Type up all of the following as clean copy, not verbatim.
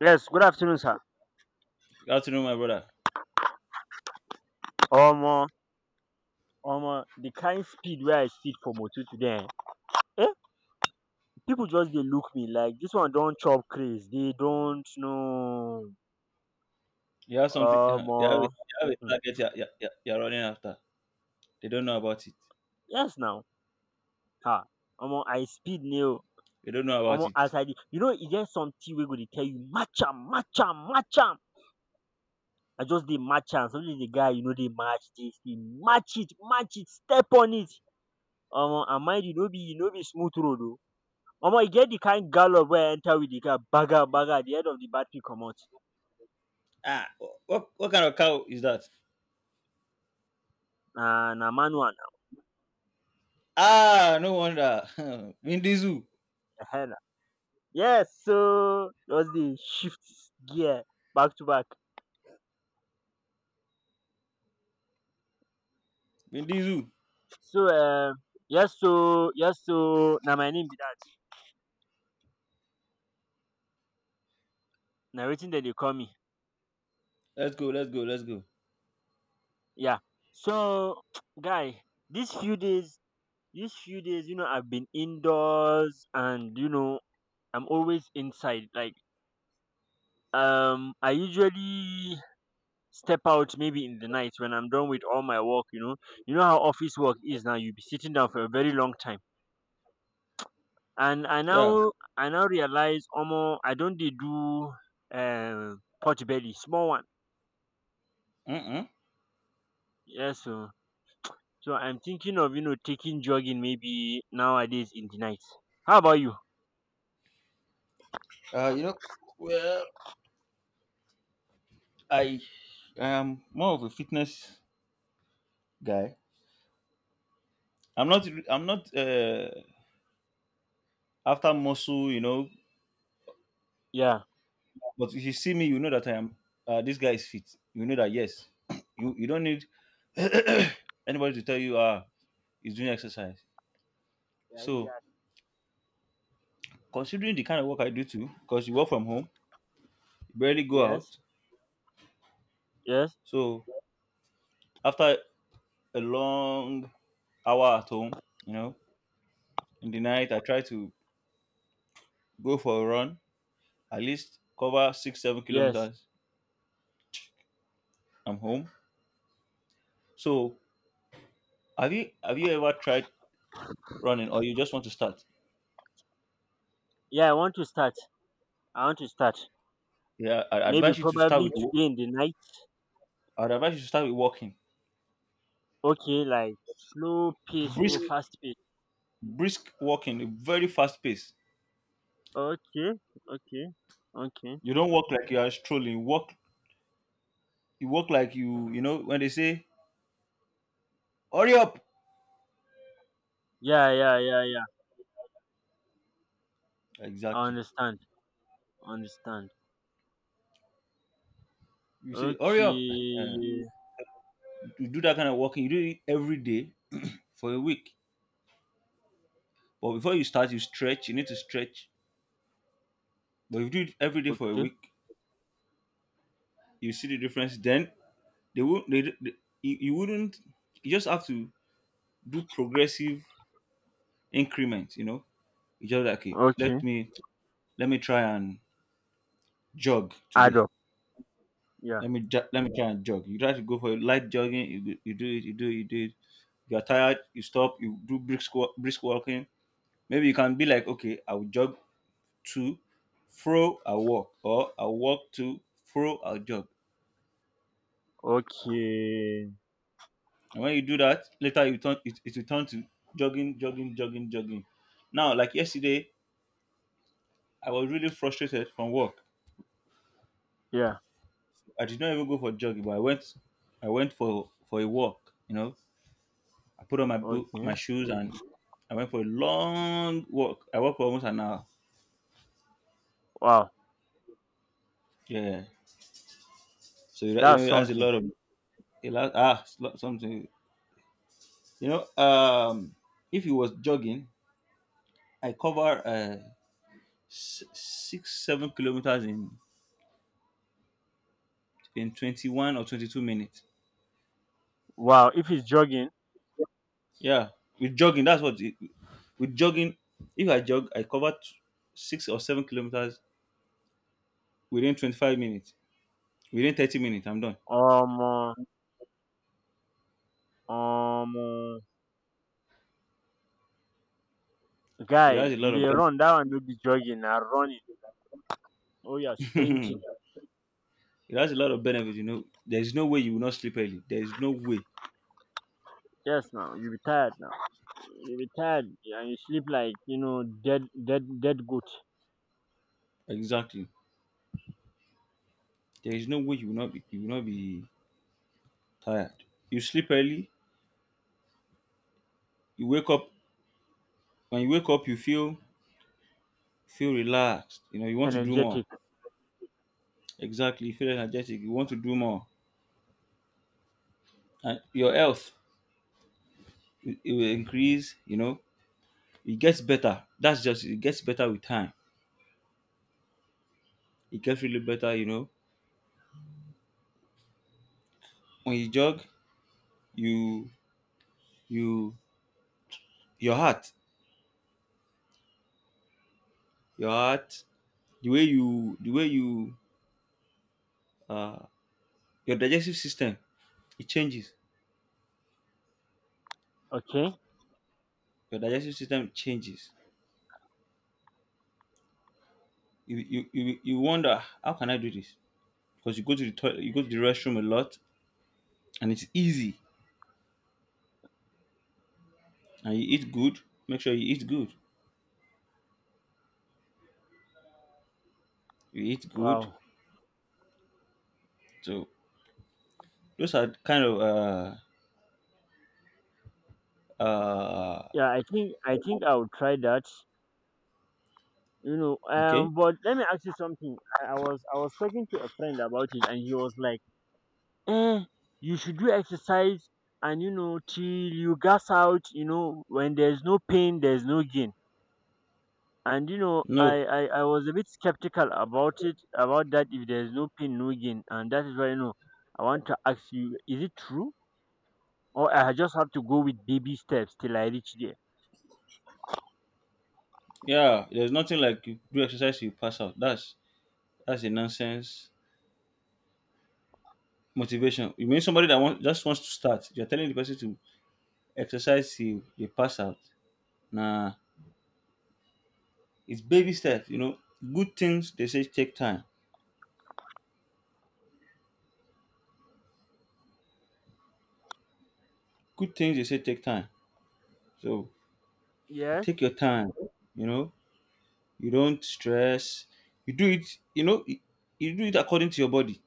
Yes, good afternoon, sir. Good afternoon, my brother. Omo, omo, the kind speed wey I speed for motor today eh, pipu just dey look me like dis one don chop craze, dey don't know. You have something. Omo. You have a Hmm. target. You're running after. They don't know about it. Yes now. um Omo I speed ne o. They don't know Omo about it. as I dey, you know e get something wey go dey tell you match am, match am, match am. I just dey match am. Suddenly the guy e no dey match dis thing, match it, step on it. Omo, and mind you, no be smooth road o. Omo e get the kind gallop wey I enter with the car. Baga, baga. The head of the battery comot. Ah, what kind of cow is that? Na manual Ah, no wonder. Vin Diesel. na, ehen na. Yes, so just dey shift gear back to back. Vin Diesel. So um so na my name be that. Na wetin dem dey call me. Let's go. Let's go. Let's go. Yeah. So guy, these few days these few days, you know, I have been indoors, and you know I'm always inside, like I usually step out maybe in the night when I'm done with all my work, you know. You know how office work is now, you'll be sitting down for a very long time. And I Yeah. now I now realize almost I don't dey do pot belly, small one. Mm-mm. Yes so so I'm thinking of, you know, taking jogging maybe nowadays in the night. How about you? You know, well, I I am more of a fitness guy. I'm not after muscle. You know, Yeah. but if you see me, you know that I am. This guy is fit. You know that, yes, you don't need anybody to tell you he's doing exercise. Yeah, in the So act. considering the kind of work I do too, because you work from home, you barely go Yes, out. yes, So after a long hour at home, you know, in the night I try to go for a run, at least cover six, seven yes. kilometers. I'm home. So have you ever tried running or you just want to start? Yeah, I want to start. I want to start. Yeah, Maybe probably today in the night. I'd advise you to start with walking. Okay, like slow pace or Brisk, fast pace? brisk walking, a very fast pace. Okay, okay, okay. You don't walk like you are strolling. You walk like you know, when they say, hurry up. Yeah, yeah, yeah, yeah. I Exactly. understand. Understand. You say, hurry up. Okay, you do that kind of walking. You do it every day for a week. But before you start, you stretch. You need to stretch. But if you do it every day for a okay, week, you see the difference. Then they won't, they, you wouldn't, you just have to do progressive increments, you know. You just like, okay, okay. Let me try and jog Add today. up. Yeah. Let me try and jog. You try to go for a light jogging. You do it. You do it. You do it. You are tired. You stop. You do brisk walking. Maybe you can be like, okay, I will jog to fro. I will walk, or I will walk to fro. I'll jog. Okay. And when you do that, later you turn it, it will turn to jogging, jogging, jogging, jogging. Now, like yesterday, I was really frustrated from work. Yeah. I did not even go for jogging, but I went for a walk. You know, I put on my boot, Okay. my shoes, and I went for a long walk. I walked for almost an hour. Wow, Yeah. So you know, that's it has a something. lot of it has, ah it's lot- something. You know, if you was jogging, I cover 6, 7 kilometers in 21 or 22 minutes. Wow, if it's jogging, Yeah, with jogging, with jogging. If I jog, I cover 6 or 7 kilometers within 25 minutes. Within 30 minutes, I'm done. um, uh, um, uh, guy, It has a you lot of dey run. That one no be jogging. Now running. Oh yeah, benefits. sprinting. It has a lot of benefits, you know. There is no way you will not sleep early. There is no way. Yes, now you be tired now. You be tired and you sleep like, you know, dead, dead, dead goat. Exactly. There is no way you will not be tired. You sleep early, you wake up. When you wake up you feel relaxed. You know, you want to do more. Energetic. Exactly, you feel energetic, you want to do more. And your health, it will increase, you know. It gets better. That's just, it gets better with time. It gets really better, you know. When you jog, you you your heart. Your heart, the way you uh your digestive system, it changes, Okay. your digestive system changes. You wonder, how can I do this? Because you go to the toilet, you go to the restroom a lot, and it's easy. And you eat good, make sure you eat good, you eat good. Wow. So those are kind of uh Yeah, I think I will try that. You know, okay. But let me ask you something. I was talking to a friend about it, and he was like, "Eh, you should do exercise, and you know, till you gas out. You know, when there's no pain, there's no gain." And you know, no I was a bit skeptical about it, about that. If there's no pain, no gain, and that is why, you know, I want to ask you, is it true, or I just have to go with baby steps till I reach there? yeah, there's nothing like, you do exercise you pass out. That's a nonsense motivation. You mean somebody that just wants to start, you're telling the person to exercise till they pass out? Nah. It's baby steps, you know. Good things they say take time. Good things they say take time. So you Yes. take your time, you know. You don't stress. You do it, you know. You do it according to your body.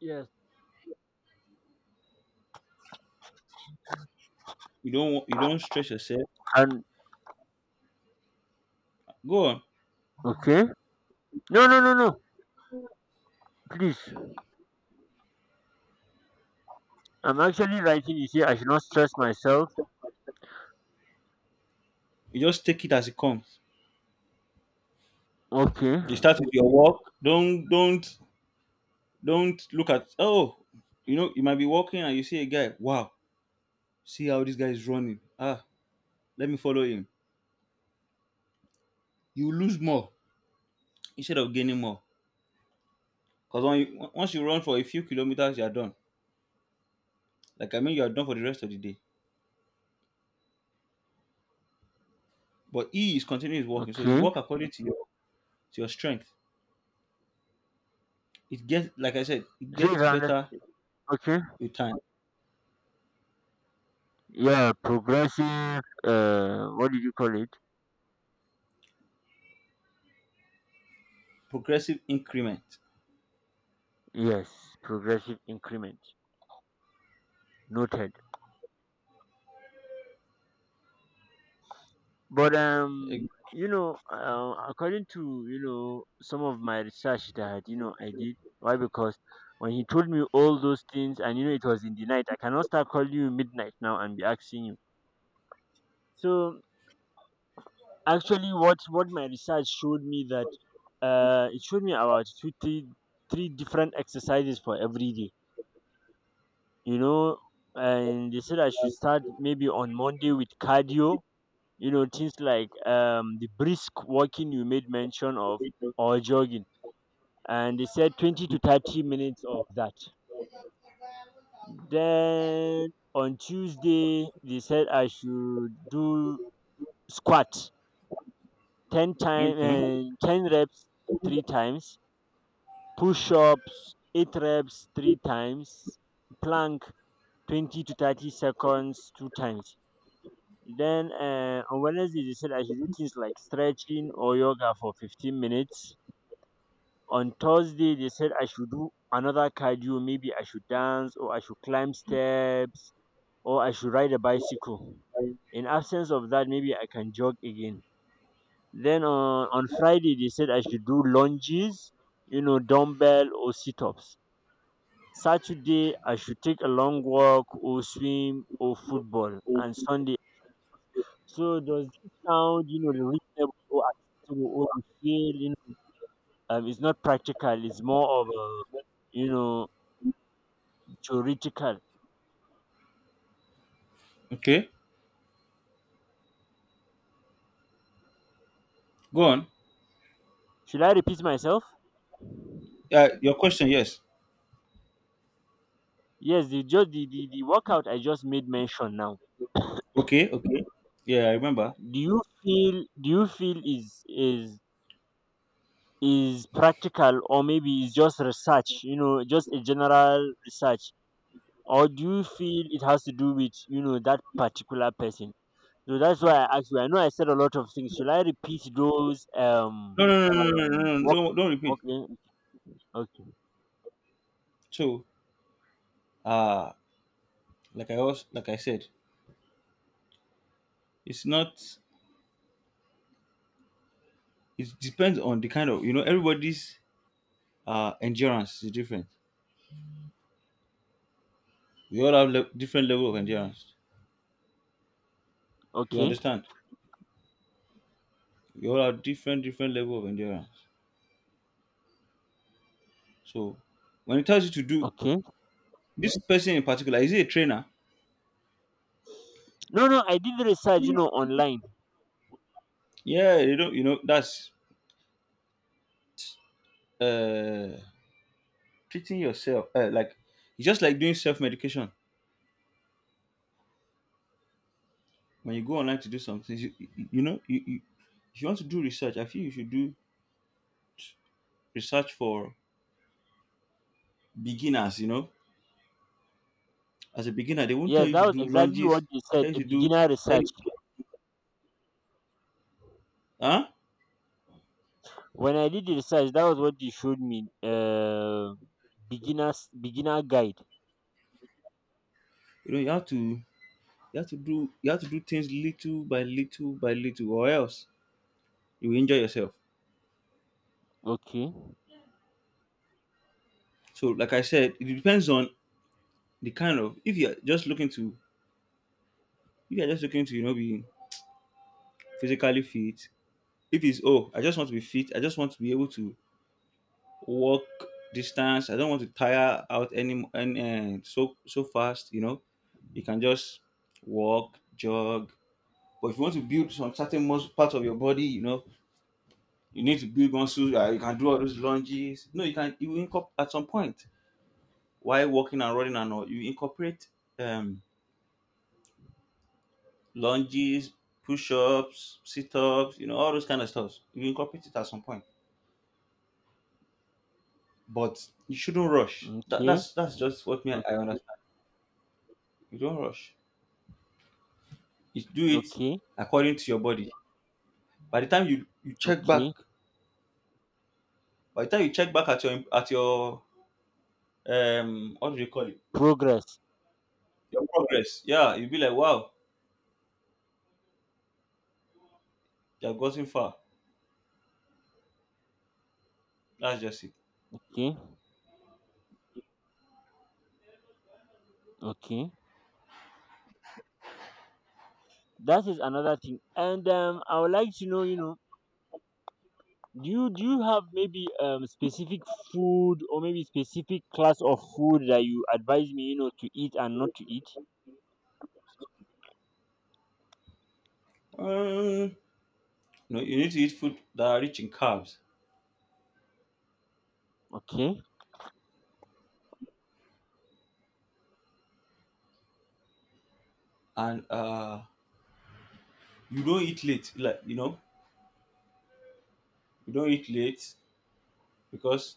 Yes. You don't stress yourself. And Go on. okay. No, no, no, no. Please. I'm actually writing. You see, I should not stress myself. You just take it as it comes. Okay. You start with your walk. Don't look at, oh, you know, you might be walking and you see a guy. Wow, see how this guy is running. Ah, let me follow him. You lose more instead of gaining more. Because once you run for a few kilometers, you're done. Like I mean, you're done for the rest of the day. But he is continuing his walking, so you Okay. walk according to your strength. It gets, like I said, it So if gets I understand, better okay. with time. Yeah, progressive. What did you call it? Progressive increment. Yes, progressive increment. Noted. But you know, according to, you know, some of my research that, you know, I did. Why? Because when he told me all those things, and you know it was in the night. I cannot start calling you midnight now and be asking you. So actually what my research showed me, that it showed me about two three three different exercises for every day, you know, and they said I should start maybe on Monday with cardio, you know, things like the brisk walking you made mention of, or jogging, and they said 20 to 30 minutes of that. Then on Tuesday they said I should do squat 10 time Mhm. uh, 10 reps three times, push-ups 8 reps 3 times, plank 20 to 30 seconds 2 times. Then, on Wednesday they said I should do things like stretching or yoga for 15 minutes. On Thursday they said I should do another cardio, maybe I should dance or I should climb steps or I should ride a bicycle. In absence of that, maybe I can jog again. Then on Friday they said I should do lunges, you know, dumbbell or sit-ups. Saturday I should take a long walk or swim or football, and Sunday. So does this sound, you know, reasonable or acceptable, or you feel, you know, it's not practical, it's more of a, you know, theoretical. Okay, go on. Should I repeat myself? Your question, yes. Yes, the just the workout I just made mention now. Okay, okay. Yeah, I remember. Do you feel, is is practical, or maybe it's just research, you know, just a general research, or do you feel it has to do with, you know, that particular person? So that's why I asked you. I know I said a lot of things. Should I repeat those No, work. Don't repeat. Okay. Okay. So, uh, like I said, it's not. It depends on the kind of, you know, everybody's endurance is different. We all have different level of endurance, you Okay. understand? We all have different level of endurance. So when it tells you to do, Okay. this person in particular, is he a trainer? No, no, I did research, you know, online. Yeah, you don't, you know, that's uh treating yourself, like, it's just like doing self-medication. When you go online to do something, you, you know, you, if you want to do research, I feel you should do research for beginners, you know. As a beginner, they won't Yes, tell you that to was do exactly what lunges. they said, tell you a to do beginner tell research. you Huh? When I did the research, that was what they showed me beginners beginner guide. You know, you have to, you have to do things little by little by little, or else you will injure yourself. Okay. So, like I said, it depends on the kind of, if you're just looking to if you're just looking to, you know, be physically fit. If it's, oh, I just want to be fit. I just want to be able to walk distance. I don't want to tire out any, and so so fast. You know, you can just walk, jog. But if you want to build some certain muscle part of your body, you know, you need to build muscles. You can do all those lunges. No, you can, you incorporate at some point while walking and running and all. You incorporate um, lunges, push-ups, sit-ups. You know, all those kind of stuff. You incorporate it at some point, but you shouldn't rush. Okay. That's just what me, I Okay. understand. You don't rush. You do it Okay. according to your body. By the time you check Okay. back, by the time you check back at your, um, what do you call it? Progress. Your progress. Yeah, you'll be like, wow, you have gotten far. That's just it. Okay. Okay. That is another thing. And I would like to know, you know, do you have maybe specific food, or maybe specific class of food, that you advise me, you know, to eat and not to eat. Um, no, you need to eat food that are rich in carbs, Okay. and you don't eat late. Like, you know, you don't eat late because,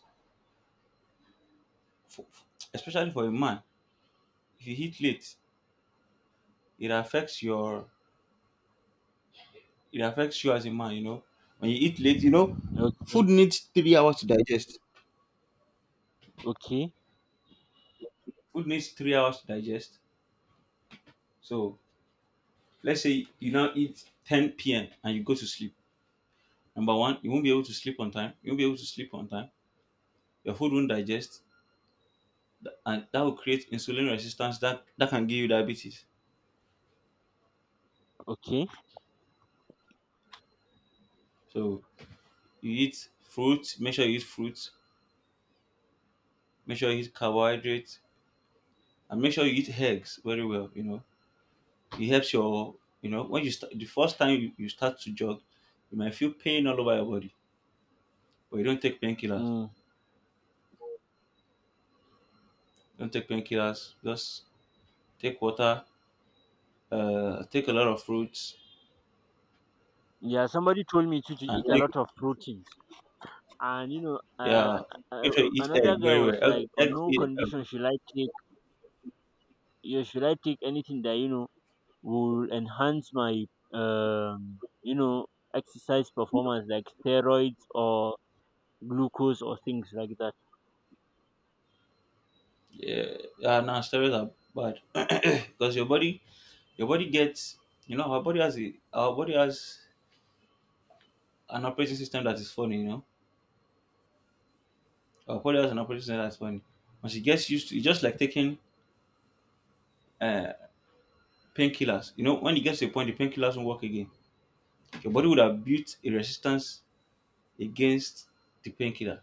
for, especially for a man, if you eat late, it affects your, it affects you as a man. You know, when you eat late, you know, Okay. food needs 3 hours to digest. Okay. Food needs 3 hours to digest. So let's say you now eat 10 p.m. and you go to sleep. Number one, you won't be able to sleep on time. You won't be able to sleep on time. Your food won't digest, and that will create insulin resistance, that can give you diabetes. Okay. So you eat fruit, make sure you eat fruit, make sure you eat carbohydrates, and make sure you eat eggs very well, you know. It helps your, you know, when you start the first time, you start to jog, you might feel pain all over your body, but you don't take painkillers. Mm. Don't take painkillers, just take water, uh, take a lot of fruits, Yeah, somebody told me to and eat a take, lot of proteins, and you know, yeah, make sure uh you eat egg another guy very was well. Egg, like, egg, on no eat egg, condition should I take, you should I take anything that you know will enhance my you know, exercise performance, like steroids or glucose or things like that. yeah. Yeah, now steroids are bad. Because your body, Your body gets, you know, our body has an operating system that is funny. You know, our body has an operating system that's funny. Once it gets used to, it's just like taking uh, painkillers. You know, when it gets to a point, the painkillers won't work again. Your body would have built a resistance against the painkiller.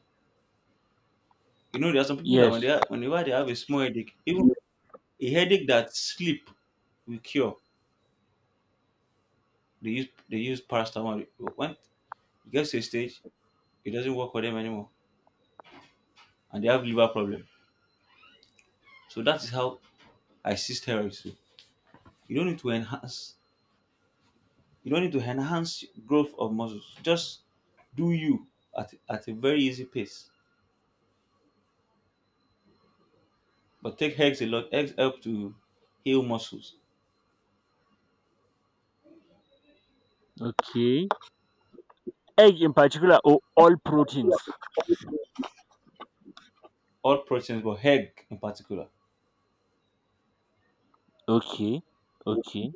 You know, there are some people that Yes. Whenever they have a small headache, even a headache that sleep will cure, they use paracetamol. But when it gets to a stage, it doesn't work for them anymore, and they have liver problem. So that is how I see steroids too. You don't need to enhance. You don't need to enhance growth of muscles. Just do you at a very easy pace. But take eggs a lot. Eggs help to heal muscles, Okay. Egg in particular, or all proteins? all proteins, but egg in particular. Okay. Okay.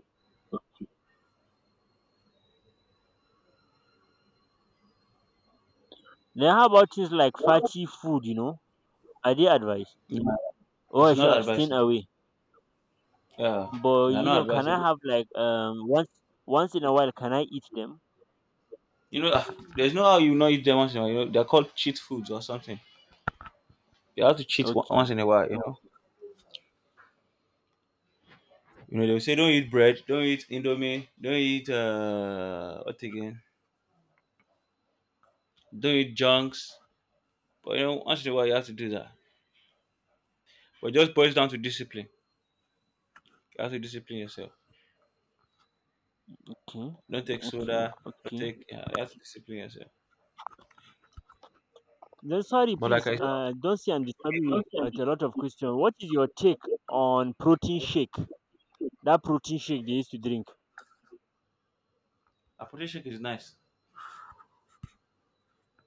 Now how about things like fatty food, you know, are they advised, Yeah, or I it's should not abstain advisable. away? Yeah, But they're you not know, can I advisable. have like once, once in a while can I eat them? You know, ah, there's no how you not eat them once in a while. You know, they're called cheat foods or something. You have to cheat on- once Okay. in a while. You know, they'll say don't eat bread, don't eat indomie, don't eat what again, don't eat junks. But you know, once in a while you have to do that. But it just boils down to discipline. You have to discipline yourself. Okay. Don't take Okay. soda. Don't Okay. take. Yeah, you have to discipline yourself. Then sorry, But like please. I said, Don't say I'm disturbing you with a lot of a questions. What is your take on protein shake? That protein shake they used to drink. apple shake is nice.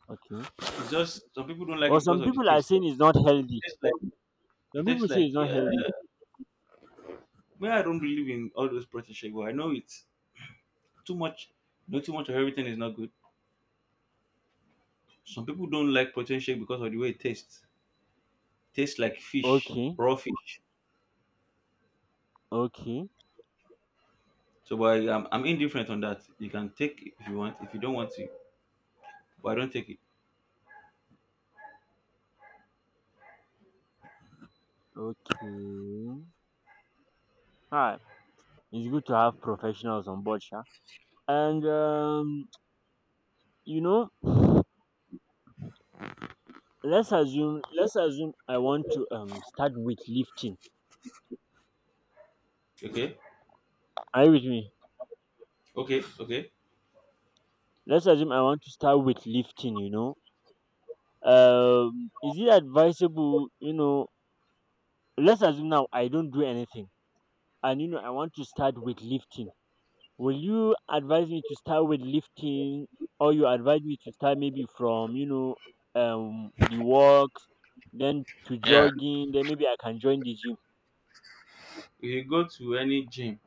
Okay. It's just some people don't like Well, it because some of the people are taste. saying it's not healthy. tastes like Some it people tastes say it's like not yeah. healthy. Well, I don't believe in all those protein shake, but I know it's too much. No, too much of everything is not good. Some people don't like protein shake because of the way it tastes. Tastes like fish, Okay. raw fish. Okay. So, but I'm indifferent on that. You can take if you want. If you don't want to, but I don't take it. Okay. Alright. It's good to have professionals on board, sha. And you know, let's assume I want to start weightlifting. Okay, Are you with me? okay, okay. Let's assume I want to start weightlifting. You know, is it advisable, you know, let's assume now I don't do anything, and you know I want to start with lifting. Will you advise me to start with lifting, or you advise me to start maybe from, you know, the walks, then to jogging, then maybe I can join the gym? If you go to any gym,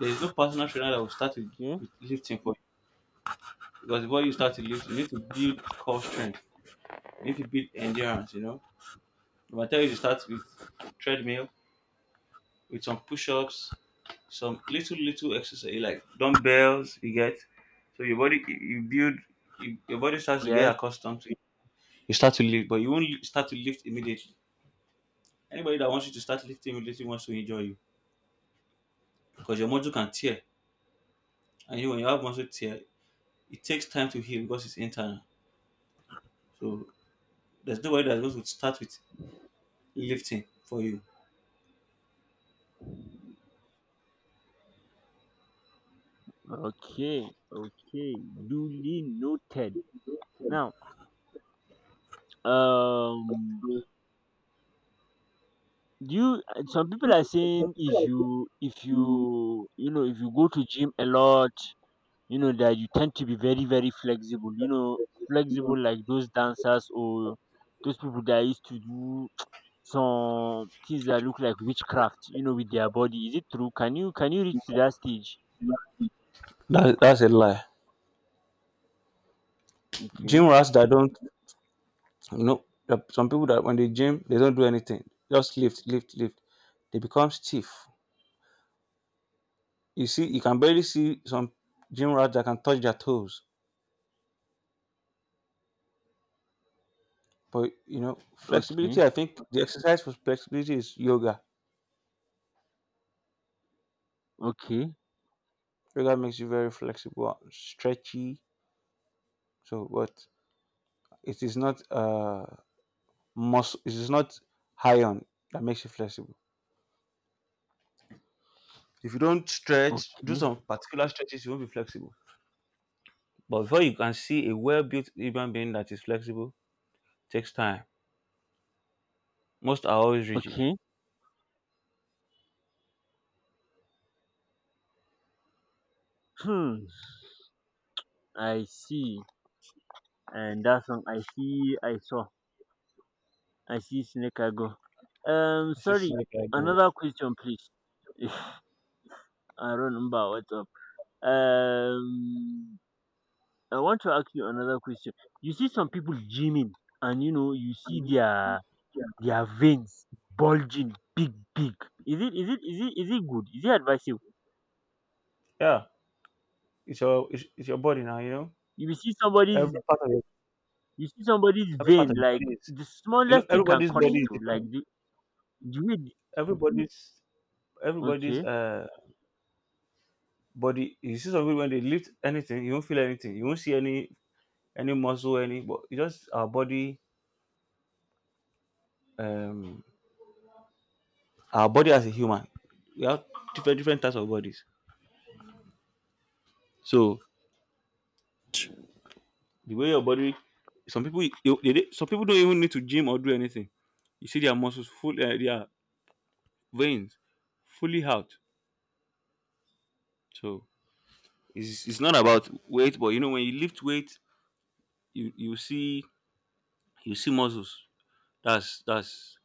there is no personal trainer that will start Okay. with lifting for you because before you start to lift, you need to build core strength, you need to build endurance. You know, but I tell you to start with treadmill, with some push-ups, some little little exercise like dumbbells. You get so your body you build your body starts to get Yes. accustomed to it. You start to lift, but you won't li- start to lift immediately. Anybody that wants you to start lifting immediately wants to enjoy you because your muscle can tear. And you know, when you have muscle tear, it takes time to heal because it's internal. So there's nobody that's going to start with lifting for you. Okay. Okay. Duly noted. Now, um do you, some people are saying, if you you know, if you go to gym a lot, you know that you tend to be very, very flexible, you know, flexible like those dancers, or those people that used to do some things that look like witchcraft, you know, with their body. Is it true? Can you reach to that stage? That's a lie. Okay. Gym rats that don't, you know, there are some people that when they gym, they don't do anything. Just lift, lift, lift. They become stiff. You see, you can barely see some gym rats that can touch their toes. But, you know, flexibility, Okay. I think the exercise for flexibility is yoga. Okay. Yoga makes you very flexible, stretchy. So, but it is not muscle, it is not iron that makes you flexible. If you don't stretch, do Okay. some particular stretches, you won't be flexible. But before you can see a well built human being that is flexible, takes time. Most are always rigid. Okay. Hmm. I see. And that's one I see, I saw. I see snake go. Um, I see sorry, snake like that. another question, please. I don't remember what's up. Um, I want to ask you another question. You see some people gymming, and you know, you see their veins bulging, big, big. Is it good? Is it advisable? Yeah, it's your body now. You know, You see somebody's every part of your you see somebody's every part vein of your like, body is, the you smallest know, thing can everybody's cut body it. is Oh, like different. the way. Everybody's everybody's Okay, uh body. You see some people when they lift anything, you won't feel anything. You won't see any muscle any. But it's just our body, um our body as a human, we have different different types of bodies. So the way your body, some people some people don't even need to gym or do anything, you see their muscles full their veins fully out. So it's not about weight, but you know when you lift weight you see, you see muscles. that's that's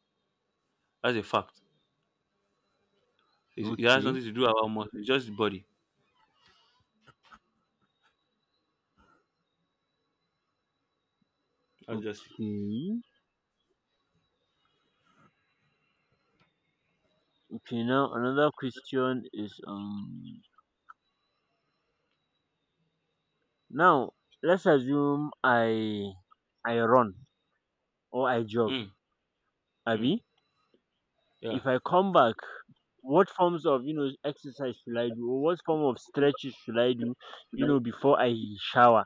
that's a fact. It's, it has okay, nothing to do about muscle, it's just the body. That's just it. okay. Okay, now another question is now, let's assume I run or I jog, Mm, mm, Abby. yeah. If I come back, what forms of, you know, exercise should I do, or what form of stretches should I do, you know, before I shower?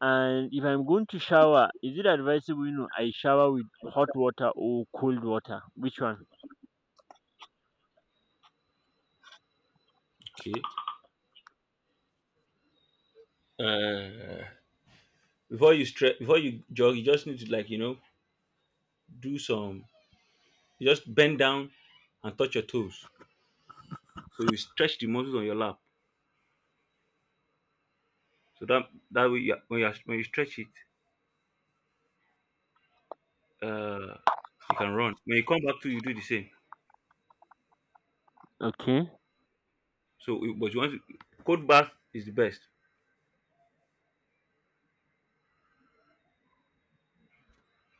And if I'm going to shower, is it advisable, you know, I shower with hot water or cold water? Which one? Okay. uh before you stretch, before you jog, you just need to like you know do some, you just bend down and touch your toes so you stretch the muscles on your lap so that that way when you stretch it, uh you can run. When you come back to you do the same. Okay. So you- but you want to, cold bath is the best.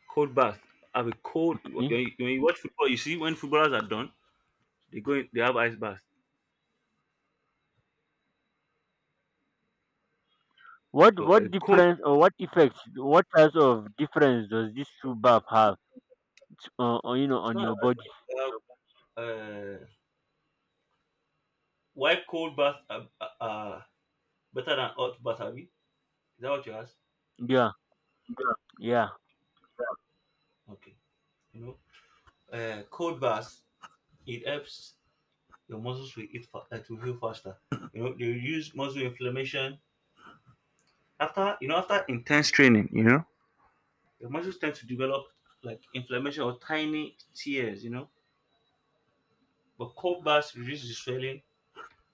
Cold bath. Have a cold when Okay. When you watch football, you see when footballers are done they go in, they have ice bath. What So a cold, difference, or what effects, what types of difference does this two bath have, on, you know, it's on not as your body? much to have, uh why cold bath are better than hot bath abi. Is that what you asked? Yeah, yeah, Okay. You know, cold baths, it helps your muscles to to heal faster. You know, they reduce muscle inflammation after you know after intense training. You know, your muscles tend to develop like inflammation or tiny tears. You know, but cold baths reduce the swelling,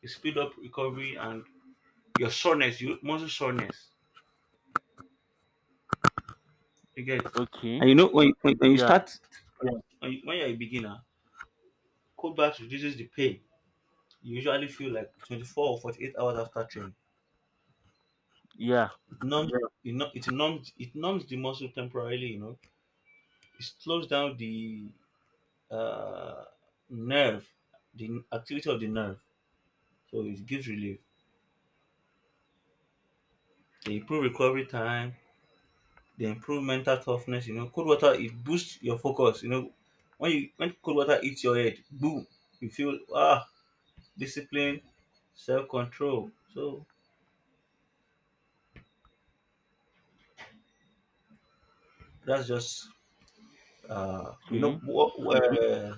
it speed up recovery and your soreness, you muscle soreness. You get, okay, and you know when you yeah, start, yeah. When you're a beginner, cold baths reduces the pain. You usually feel like 24 or 48 hours after training. yeah, Numbs it, it numbs, it numbs the muscle temporarily. You know, it slows down the uh, nerve, the activity of the nerve, so it gives relief. They improve recovery time. They improve mental toughness. You know, cold water, it boosts your focus. You know, when you when cold water hits your head, boom, you feel ah, discipline, self-control. So that's just you know okay, what, uh,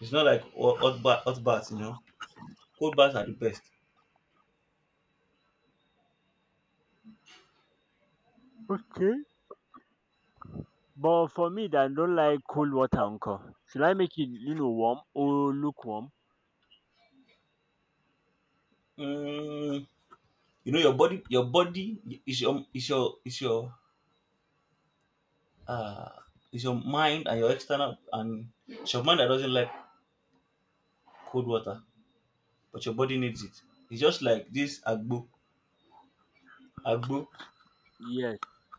it's not like hot bath. Hot baths, you know, cold baths are the best. okay. But for me, that I don't like cold water, uncle. Should I make it, you know, warm or lukewarm? Mm, you know your body is your uh mind and your external, and it's your mind that doesn't like cold water, but your body needs it. It's just like this agbo. Yes,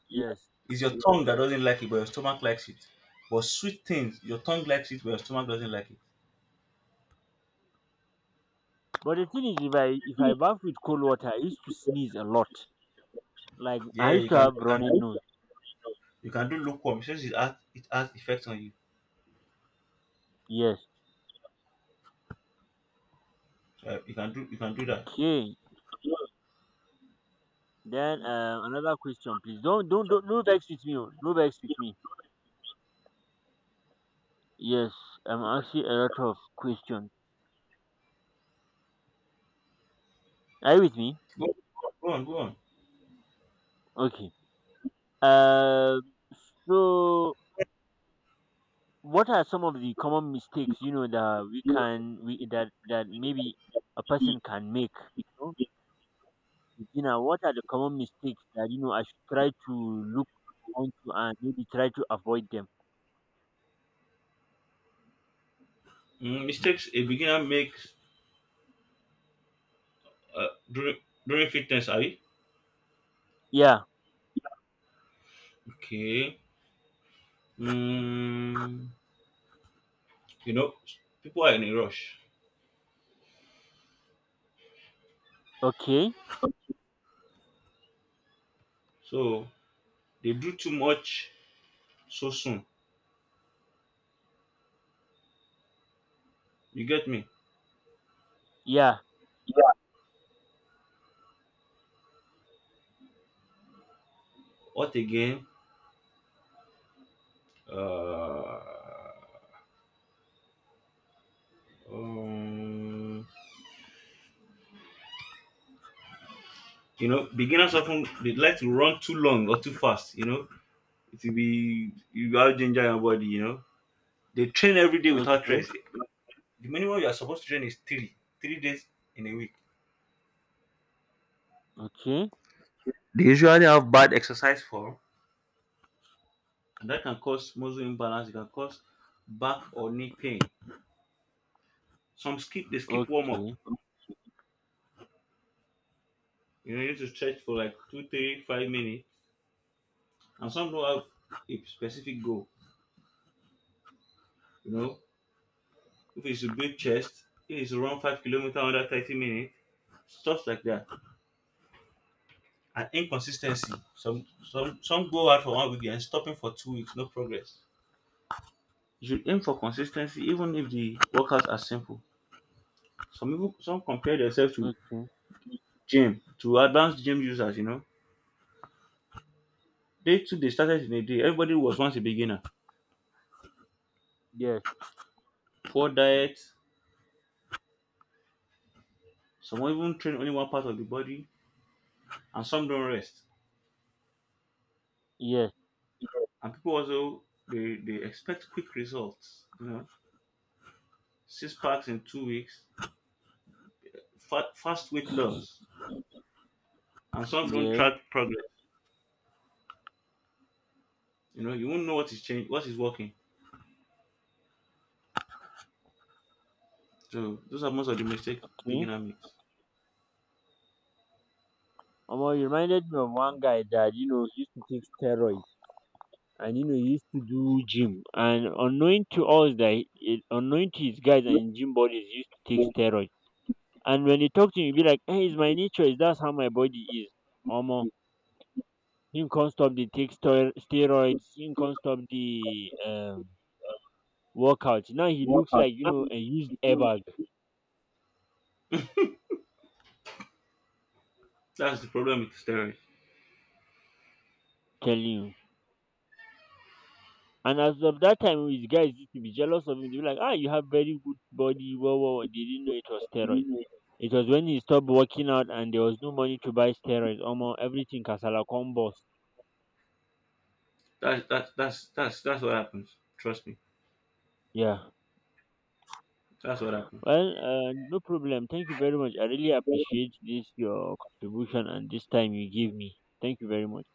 yes. Is your tongue that doesn't like it but your stomach likes it. But sweet things, your tongue likes it but your stomach doesn't like it. But the thing is, if I bath with cold water, I used to sneeze a lot. Like I Yeah, used to have you can running nose. do, you can do lukewarm since it has effects on you. Yes. You can do that. Okay. Then another question, please. Don't no vex with me. Oh, no vex with me. Yes, I'm asking a lot of questions. Are you with me? Go, go on go on. Okay. Um. So, what are some of the common mistakes, you know, that we that maybe a person can make? You know, beginner. What are the common mistakes that you know I should try to look onto and maybe try to avoid them? Mm, mistakes a beginner makes uh, during during fitness, are you? Yeah. Okay. Mm, you know, people are in a rush. Okay. So they do too much so soon. You get me? Yeah. What again? Uh, um, you know, beginners often they like to run too long or too fast. You know, it will be you out ginger your body. You know, they train every day without Okay. rest. The minimum you are supposed to train is 3 days in a week. Okay. They usually have bad exercise form. And that can cause muscle imbalance. It can cause back or knee pain. Some skip, they skip warm up. Okay. You know, you need to stretch for like two, three, 5 minutes. And some don't have a specific goal. You know, if it's a big chest, if it's to run 5 kilometers under 30 minutes, stuff like that. And inconsistency. Some go out for 1 week and stopping for 2 weeks, no progress. You should aim for consistency even if the workouts are simple. Some people some compare themselves to Okay. gym, to advanced gym users, you know. They too, they started in a day. Everybody was once a beginner. Yes. Poor diet. Some were even train only one part of the body, and some don't rest. Yes. And people also they expect quick results. You know, six packs in 2 weeks, fast weight loss, and some don't Yes. track progress. You know, you won't know what is changing, what is working. So those are most of the mistake Okay. beginner makes. You reminded me of one guy that, you know, used to take steroids. And you know he used to do gym, and unknowing to us that unknowing to his guys and gym bodies, he used to take steroid. And when he talk to him, you be like, hey, it's my nature, is that's how my body is. Omo, him can't stop the take steroids. Him can't stop the workout. Now he looks Workout. like, you know, a used airbag, That's the problem with steroids. telling you. And as of that time, his guys used to be jealous of him, they be like, ah, you have very good body, whoa, whoa, whoa." They didn't know it was steroid. It was when he stopped working out and there was no money to buy steroids. Almost everything kasala come burst. That's what happens. Trust me, Yeah. that's what happens. Well, no problem. Thank you very much. I really appreciate this your contribution and this time you give me. Thank you very much.